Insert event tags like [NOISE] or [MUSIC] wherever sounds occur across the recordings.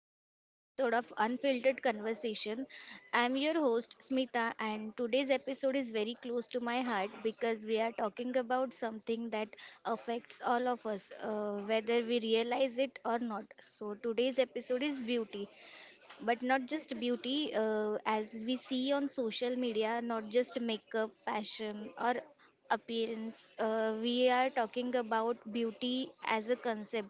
to another episode of Unfiltered Conversation. I'm your host, Smita, and today's episode is very close to my heart because we are talking about something that affects all of us, whether we realize it or not. So, today's episode is beauty, but not just beauty as we see on social media, not just makeup, fashion, or appearance. We are talking about beauty as a concept,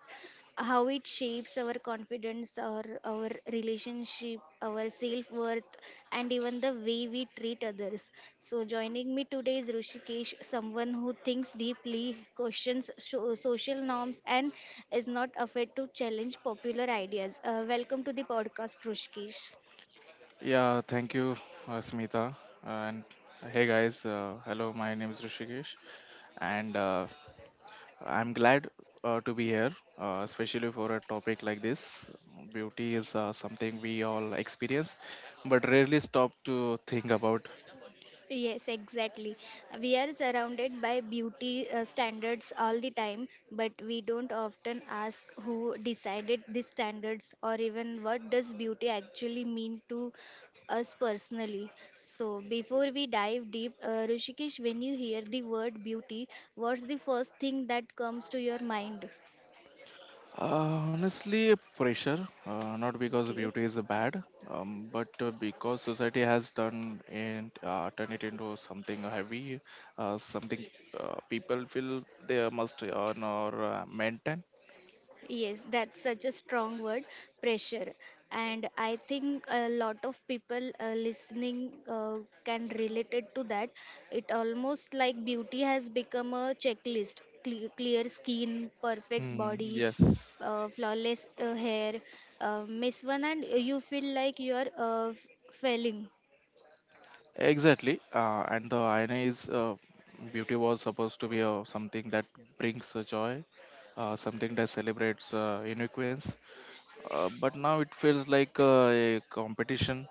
how it shapes our confidence, or our relationship, our self-worth, and even the way we treat others. So joining me today is Rushikesh, someone who thinks deeply, questions social norms, and is not afraid to challenge popular ideas. Welcome to the podcast, Rushikesh. Yeah, thank you, Smita. And hey, guys. Hello, my name is Rishikesh, and I'm glad to be here, especially for a topic like this. Beauty is something we all experience, but rarely stop to think about. Yes, exactly. We are surrounded by beauty standards all the time, but we don't often ask who decided these standards, or even what does beauty actually mean to us personally. So, before we dive deep, Rishikesh, when you hear the word beauty, what's the first thing that comes to your mind? Honestly, pressure, not because Okay. beauty is bad, but because society has done and turned it into something heavy, something people feel they must earn or maintain. Yes, that's such a strong word, pressure. And I think a lot of people listening can relate it to that. It almost like beauty has become a checklist. Clear skin, perfect Hmm, body, yes, flawless hair. Miss one and you feel like you are failing. exactly. And the irony is, beauty was supposed to be something that brings joy, something that celebrates uniqueness, but now it feels like a competition,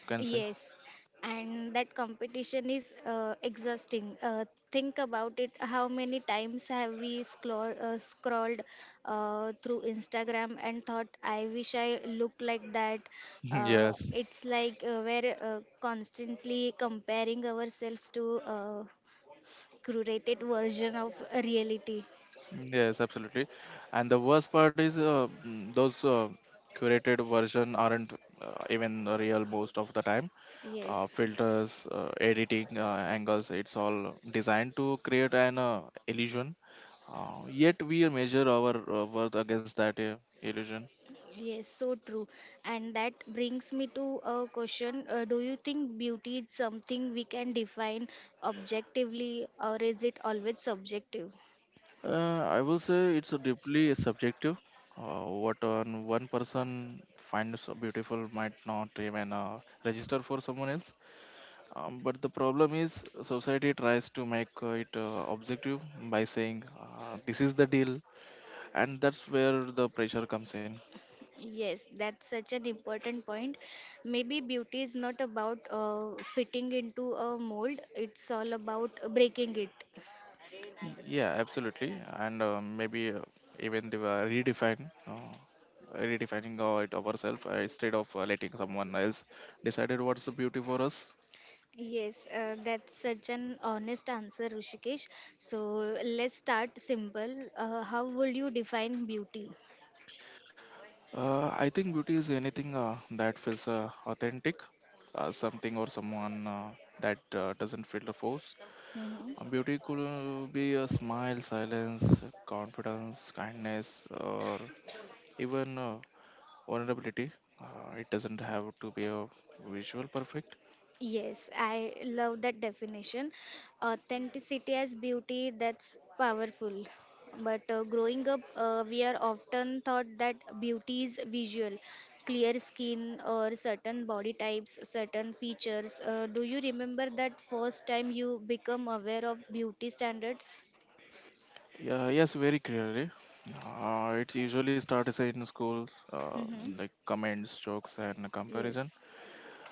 you can say. Yes, and that competition is exhausting. Think about it. How many times have we scrolled through Instagram and thought, I wish I look like that? [LAUGHS] Yes. It's like we're constantly comparing ourselves to a curated version of reality. Yes, absolutely. And the worst part is those curated version aren't even real most of the time. Uh, Yes. filters, editing angles, it's all designed to create an illusion. Yet we measure our worth against that illusion. Yes, so true. And that brings me to a question. Do you think beauty is something we can define objectively, or is it always subjective? I will say it's a deeply subjective. What on one person finds so beautiful might not even register for someone else. But the problem is society tries to make it objective by saying this is the deal, and that's where the pressure comes in. Yes, that's such an important point. Maybe beauty is not about fitting into a mold, it's all about breaking it. Yeah, absolutely, and maybe even the, redefine. Redefining our- it ourselves, instead of letting someone else decided what's the beauty for us. Yes, that's such an honest answer, Rishikesh. So let's start simple. How would you define beauty? I think beauty is anything that feels authentic, something or someone that doesn't feel forced. Mhm. Beauty could be a smile, silence, confidence, kindness, or even vulnerability. It doesn't have to be a visual perfect. Yes, I love that definition. Authenticity as beauty, that's powerful. But growing up, we are often taught that beauty is visual, clear skin or certain body types, certain features. Do you remember that first time you become aware of beauty standards? Yeah, yes, very clearly. It usually starts in schools, Hmm. like comments, jokes, and comparison. Yes,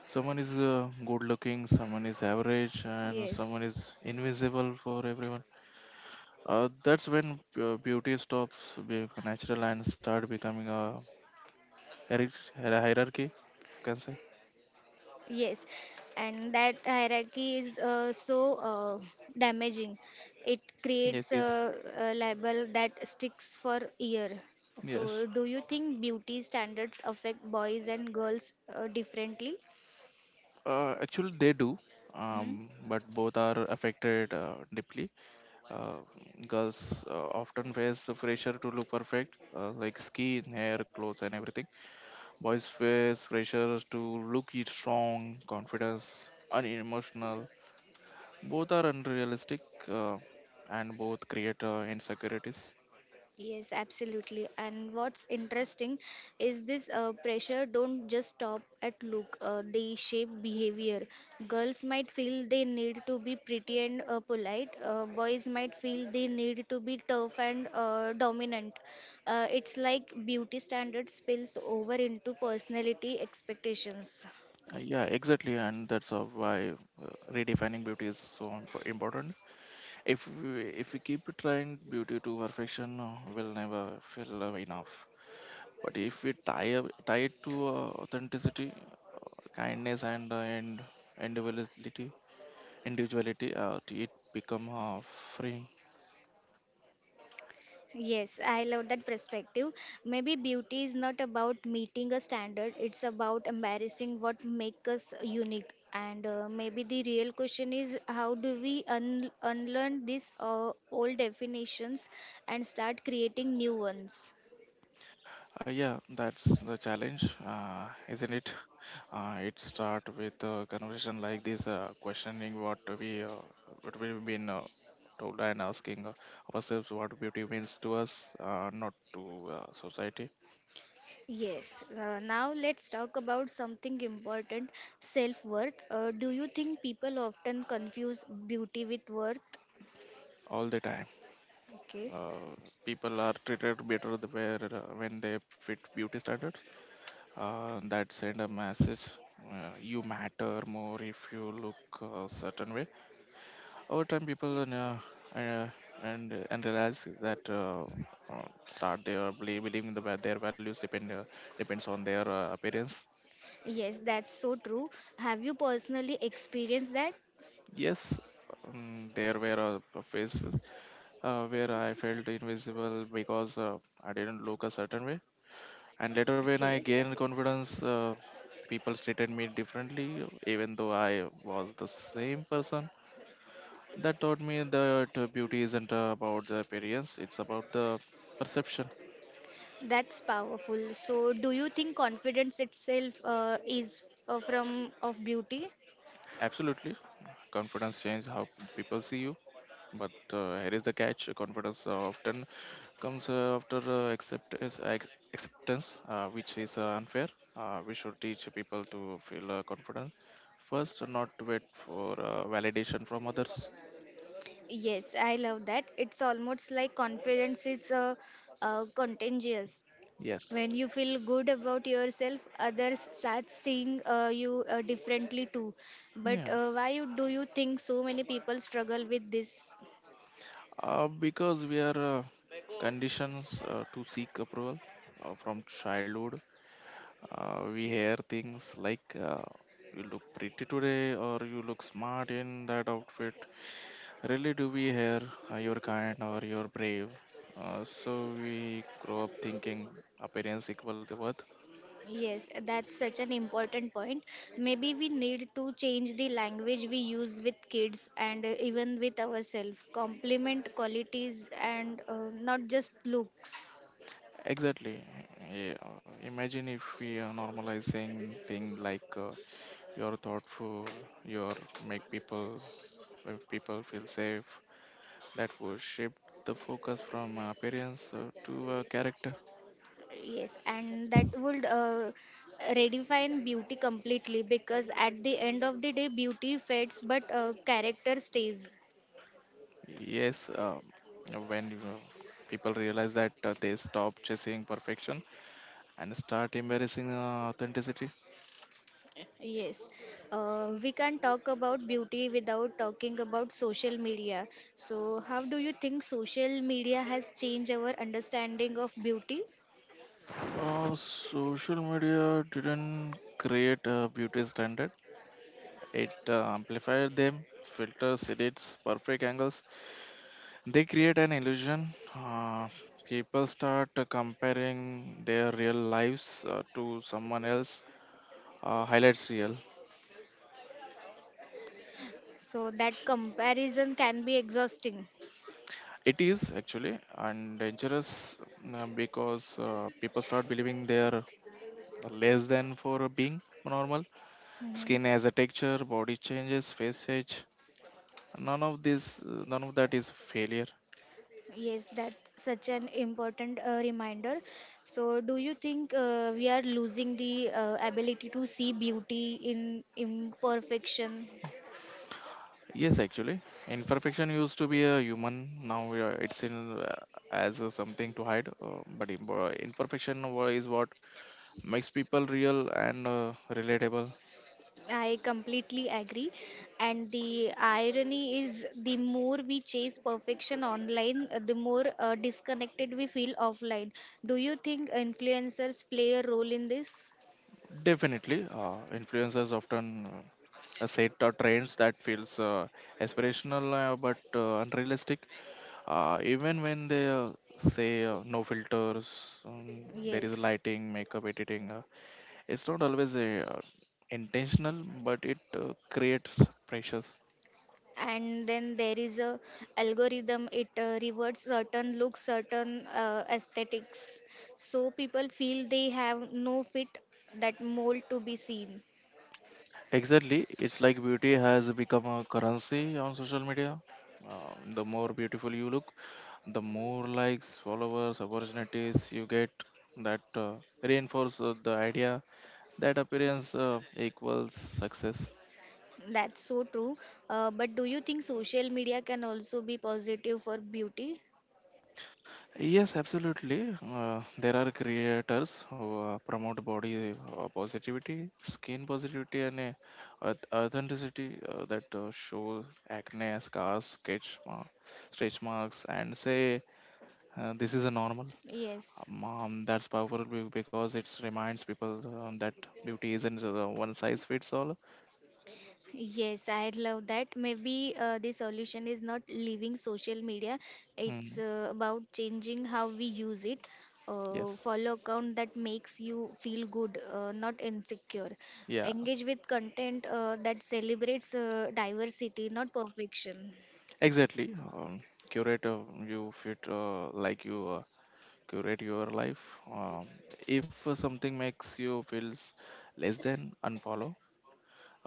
Someone is good looking, someone is average, and yes. someone is invisible for everyone. That's when beauty stops being natural and start becoming a, hierarchy. You can say. Yes, and that hierarchy is so damaging. It Yes, creates please. A label that sticks for year. So, Yes, do you think beauty standards affect boys and girls differently? Actually they do, Hmm? But both are affected deeply. Uh, girls often face the pressure to look perfect, like skin, hair, clothes, and everything. Boys face pressures to look it strong, confidence, and emotional. Both are unrealistic uh, and both create insecurities. Yes, absolutely. And what's interesting is this pressure don't just stop at look. They shape behavior. Girls might feel they need to be pretty and polite. Boys might feel they need to be tough and dominant. It's like beauty standards spills over into personality expectations. Yeah, exactly, and that's why redefining beauty is so important. If we keep trying beauty to perfection, we'll never feel enough. But if we tie it to authenticity, kindness, and individuality, individuality, it become freeing. Yes, I love that perspective. Maybe beauty is not about meeting a standard, it's about embarrassing what makes us unique. And maybe the real question is how do we unlearn these old definitions and start creating new ones? Yeah, that's the challenge, isn't it? It start with a conversation like this, questioning what we've been told, and asking ourselves what beauty means to us, not to society. Yes, now let's talk about something important, self worth. Do you think people often confuse beauty with worth? All the time, Okay. uh, people are treated better the where when they fit beauty standards. That send a message: you matter more if you look a certain way. Over time, people uh, and realize that uh, start they are believing their values depends on their appearance. Yes, that's so true. Have you personally experienced that? Yes. There were phases where I felt invisible because I didn't look a certain way. And later, when I Okay. gained confidence, people treated me differently, even though I was the same person. That taught me that beauty isn't about the appearance, it's about the perception. That's powerful. So, do you think confidence itself is from of beauty? Absolutely. Confidence changes how people see you, but here is the catch: confidence often comes after acceptance, acceptance, which is unfair. We should teach people to feel confident first, not wait for validation from others. Yes, I love that. It's almost like confidence is contagious. Yes. When you feel good about yourself, others start seeing you differently too. But Yeah. Do you think so many people struggle with this? Because we are conditioned to seek approval from childhood. We hear things like you look pretty today or you look smart in that outfit Really do we hear you're kind or you're brave. So we grow up thinking appearance equal the worth. Yes, that's such an important point. Maybe we need to change the language we use with kids and even with ourselves. Compliment qualities and not just looks. Exactly. Yeah. Imagine if we are normalizing things like you're thoughtful, you're make people people feel safe. That would shift the focus from appearance to character. Yes, and that would redefine beauty completely, because at the end of the day, beauty fades but character stays. Yes. When people realize that they stop chasing perfection and start embracing authenticity. Yes, we can't talk about beauty without talking about social media. So, how do you think social media has changed our understanding of beauty? Social media didn't create a beauty standard. It amplified them, filters, edits, perfect angles. They create an illusion. Uh, people start comparing their real lives to someone else. Highlights real. So, that comparison can be exhausting. It is actually and dangerous because people start believing they are less than for being normal. Mhm. Skin has a texture, body changes, face age. None of that is failure. Yes, that's such an important reminder. So, do you think we are losing the ability to see beauty in imperfection? Yes, actually, imperfection used to be a human. Now it's in as a something to hide. But imperfection is what makes people real and relatable. I completely agree. And the irony is the more we chase perfection online, the more disconnected we feel offline. Do you think influencers play a role in this? Definitely. Influencers often set trends that feels aspirational but unrealistic. Even when they say no filters, there is Yes. lighting, makeup, editing. It's not always intentional, but it creates pressures. And then there is a algorithm. It rewards certain looks, certain aesthetics. So people feel they have no fit that mold to be seen. Exactly. It's like beauty has become a currency on social media. Uh, the more beautiful you look, the more likes, followers, opportunities you get. That reinforce the idea that appearance equals success. That's so true. But do you think social media can also be positive for beauty? Yes, absolutely. There are creators who promote body positivity, skin positivity, and authenticity that show acne, scars, stretch marks, and say this is a normal. Yes. That's powerful because it reminds people that beauty isn't one size fits all. Yes, I love that. Maybe the solution is not leaving social media. It's Hmm. About changing how we use it. Yes, Follow account that makes you feel good, not insecure. yeah, Engage with content that celebrates diversity, not perfection. exactly. Curate you fit like you curate your life. Um, if something makes you feels less than, unfollow.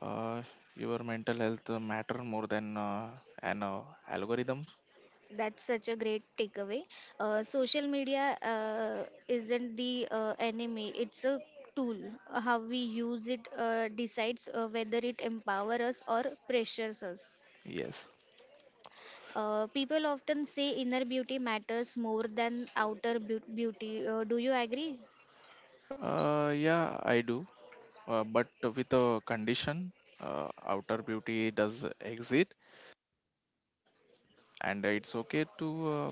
Uh, your mental health matter more than an algorithm. That's such a great takeaway. Social media isn't the enemy, it's a tool. How we use it decides whether it empowers us or pressures us. Yes. People often say inner beauty matters more than outer beauty. Do you agree? Yeah, I do. But with a condition, outer beauty does exist, and it's okay to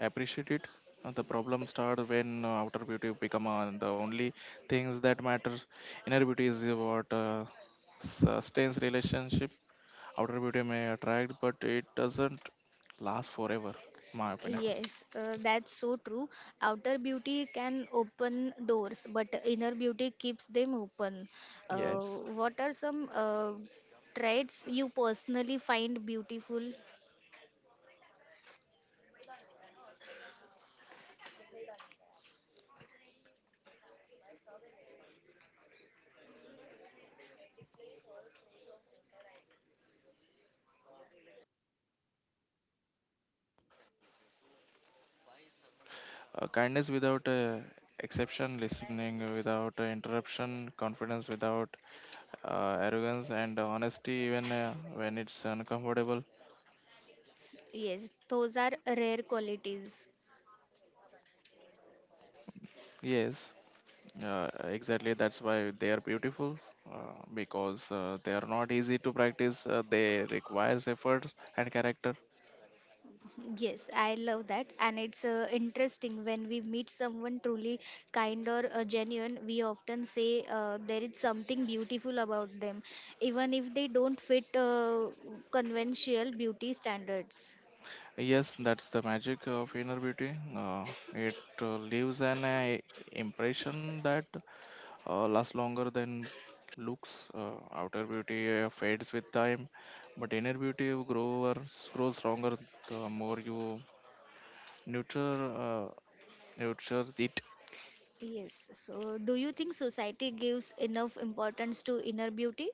appreciate it. The problem starts when outer beauty become the only things that matter. Inner beauty is what sustains relationship. Outer beauty may attract, but it doesn't last forever, my opinion. Yes, that's so true. Outer beauty can open doors, but inner beauty keeps them open. Yes. Uh, what are some traits you personally find beautiful? Kindness without exception, listening without interruption, confidence without arrogance, and honesty even when it's uncomfortable. Yes, those are rare qualities. Yes, exactly. That's why they are beautiful because they are not easy to practice. They requires effort and character. Yes, I love that, and it's interesting when we meet someone truly kind or genuine. We often say there is something beautiful about them, even if they don't fit conventional beauty standards. Yes, that's the magic of inner beauty. It leaves an impression that lasts longer than looks. Outer beauty fades with time, but inner beauty grows stronger the more you nurture uh, nurture it. Yes. So, do you think society gives enough importance to inner beauty?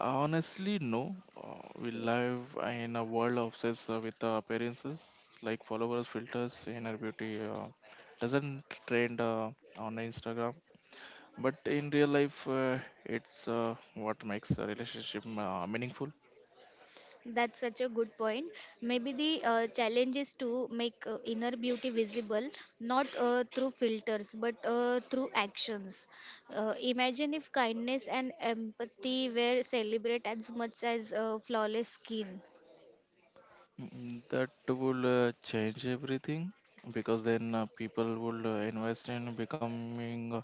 Honestly, no. We Okay. live in a world obsessed with appearances, like followers, filters, inner beauty. Doesn't trend on Instagram but in real life it's what makes a relationship meaningful. That's such a good point. Maybe the challenge is to make inner beauty visible, not through filters, but through actions. Imagine if kindness and empathy were celebrated as much as flawless skin. That will change everything because then people will invest in becoming a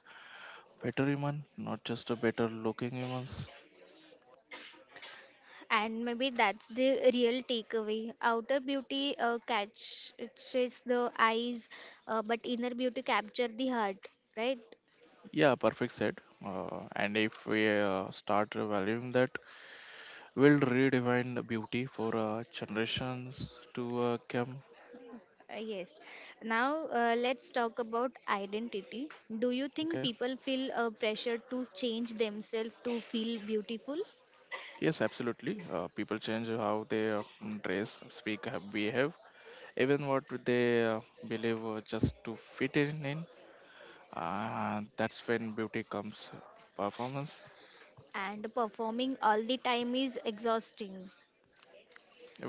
better human, not just a better looking humans. And maybe that's the real takeaway. Outer beauty catches the eyes, but inner beauty capture the heart, right? Yeah, perfect said, and if we start valuing that, we'll redefine the beauty for generations to come. Yes. Now let's talk about identity. Do you Okay. think people feel pressure to change themselves to feel beautiful? Yes, absolutely. People change how they dress, speak, behave, even what they believe, just to fit in. That's when beauty comes performance. And performing all the time is exhausting.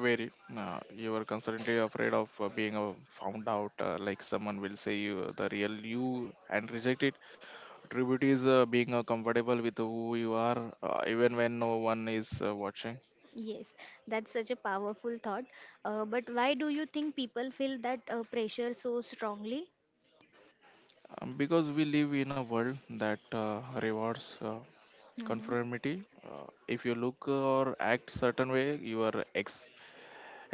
Very. You are constantly afraid of being found out, like someone will say you the real you and reject it. Tribute is being comfortable with who you are, even when no one is watching. Yes, that's such a powerful thought. But why do you think people feel that pressure so strongly? Because we live in a world that uh, rewards Hmm. conformity. Uh, if you look or act certain way, you are ex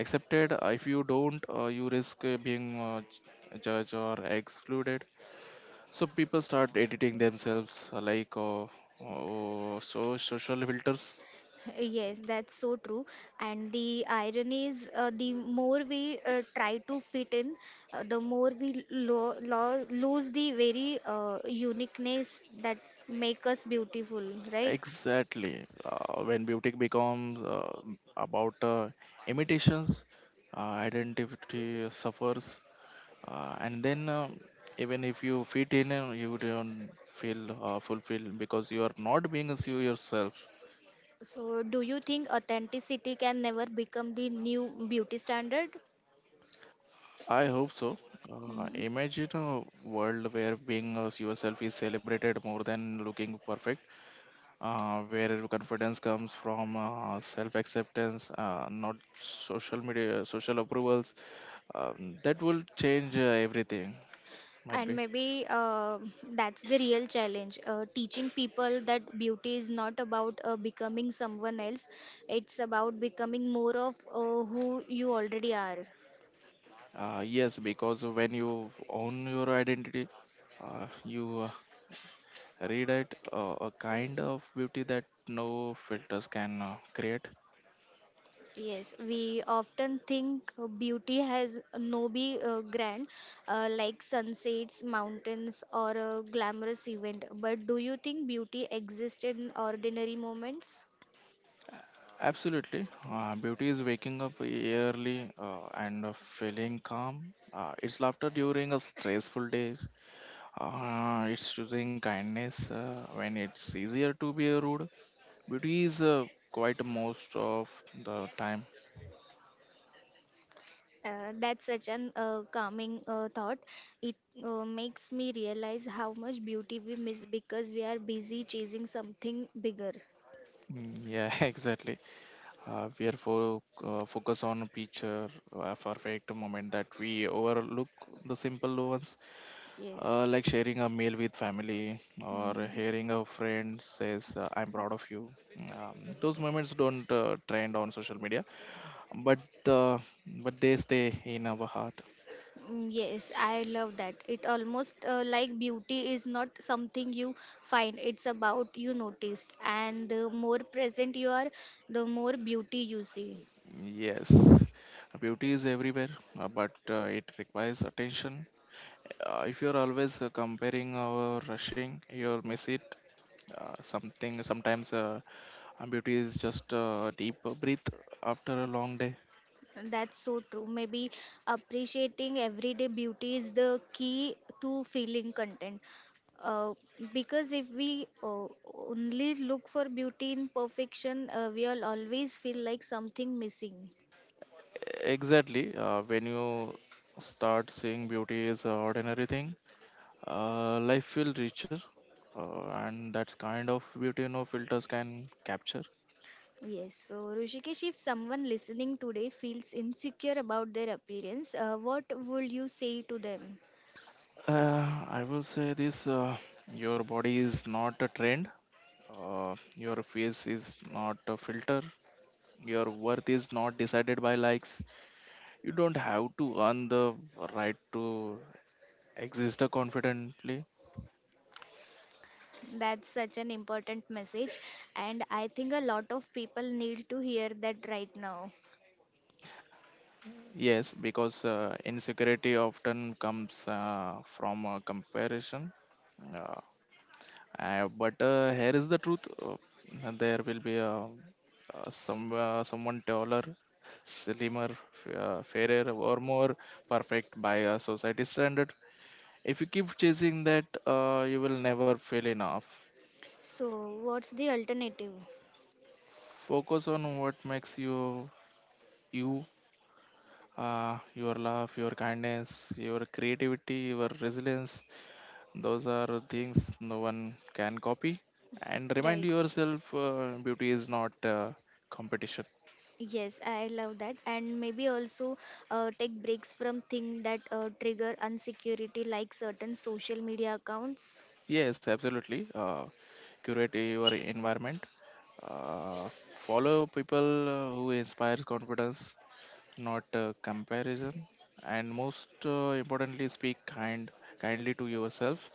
accepted. If you don't, you risk being judged or excluded. So people start editing themselves, like oh, so social filters. Yes, that's so true. And the irony is, the more we try to fit in, the more we lose the very uniqueness that make us beautiful, right? Exactly. When beauty becomes about imitations, uh, identity suffers, and then even if you fit in, you don't feel fulfilled because you are not being as you yourself. So, do you think authenticity can never become the new beauty standard? I hope so. Uh, Hmm. imagine a world where being us yourself is celebrated more than looking perfect, where confidence comes from self-acceptance, not social media, social approvals. That will change everything. Might And be. maybe that's the real challenge, teaching people that beauty is not about becoming someone else, it's about becoming more of who you already are. Yes, because when you own your identity, you read it a kind of beauty that no filters can create. Yes, we often think beauty has no be grand, like sunsets, mountains, or a glamorous event, but do you think beauty exists in ordinary moments? Absolutely. Beauty is waking up early and feeling calm. It's laughter during a stressful days. It's choosing kindness when it's easier to be rude. Beauty is quite most of the time. That's such an calming thought. It makes me realize how much beauty we miss because we are busy chasing something bigger. Yeah, [LAUGHS] exactly. We are for focus on picture, perfect moment that we overlook the simple ones. Uh, Yes. like sharing a meal with family or Mhm. hearing a friend says, I'm proud of you. Those moments don't trend on social media, but uh, but they stay in our heart. Mm, yes, I love that. It almost like beauty is not something you find, it's about you noticed. And the more present you are, the more beauty you see. Yes, beauty is everywhere, but it requires attention. If you're always comparing or rushing, you'll miss it. Something Sometimes beauty is just a deep breath after a long day. That's so true. Maybe appreciating everyday beauty is the key to feeling content. Uh, because if we only look for beauty in perfection, we'll always feel like something missing. Exactly. When you start seeing beauty as an ordinary thing, life feels richer, and that's kind of beauty no filters can capture. Yes, so Rishikesh, if someone listening today feels insecure about their appearance, what would you say to them? I will say this: your body is not a trend. Your face is not a filter. Your worth is not decided by likes. You don't have to earn the right to exist confidently. That's such an important message, and I think a lot of people need to hear that right now. Yes, because insecurity often comes from comparison. Uh, but here is the truth: uh, there will be someone taller, slimmer, fairer, or more perfect by a society standard. If you keep chasing that, you will never feel enough. So, what's the alternative? Focus on what makes you you. Your love, your kindness, your creativity, your resilience. Those are things no one can copy. And remind Right. yourself beauty is not competition. Yes, I love that. And maybe also take breaks from things that trigger insecurity, like certain social media accounts. Yes, absolutely. Curate your environment. Follow people who inspires confidence, not comparison. And most importantly, speak kindly to yourself.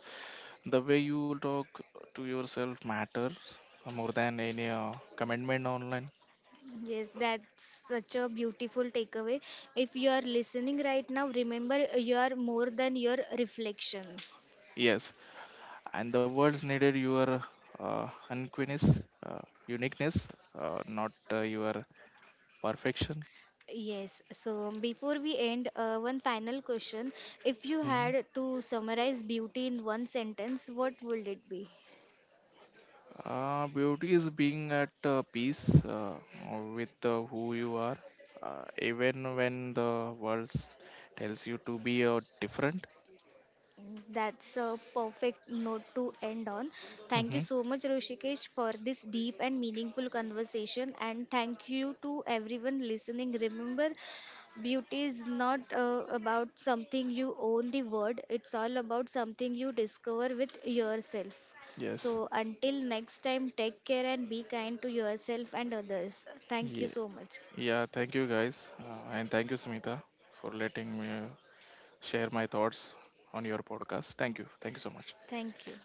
The way you talk to yourself matters more than any commitment online. Yes, that's such a beautiful takeaway. If you are listening right now, remember, you are more than your reflection. Yes, and the world's needed your uh, unquinness, uh, uniqueness, not your perfection. Yes, so before we end, one final question. If you Mhm. had to summarize beauty in one sentence, what would it be? Beauty is being at peace with who you are, even when the world tells you to be different. That's a perfect note to end on. Thank you Hmm. so much, Roshikesh, for this deep and meaningful conversation. And thank you to everyone listening. Remember, beauty is not about something you own the word, it's all about something you discover with yourself. Yes. So, until next time, take care and be kind to yourself and others. Thank you Yeah. so much. Yeah. Thank you, guys, and thank you, Smita, for letting me share my thoughts on your podcast. Thank you. Thank you so much. Thank you.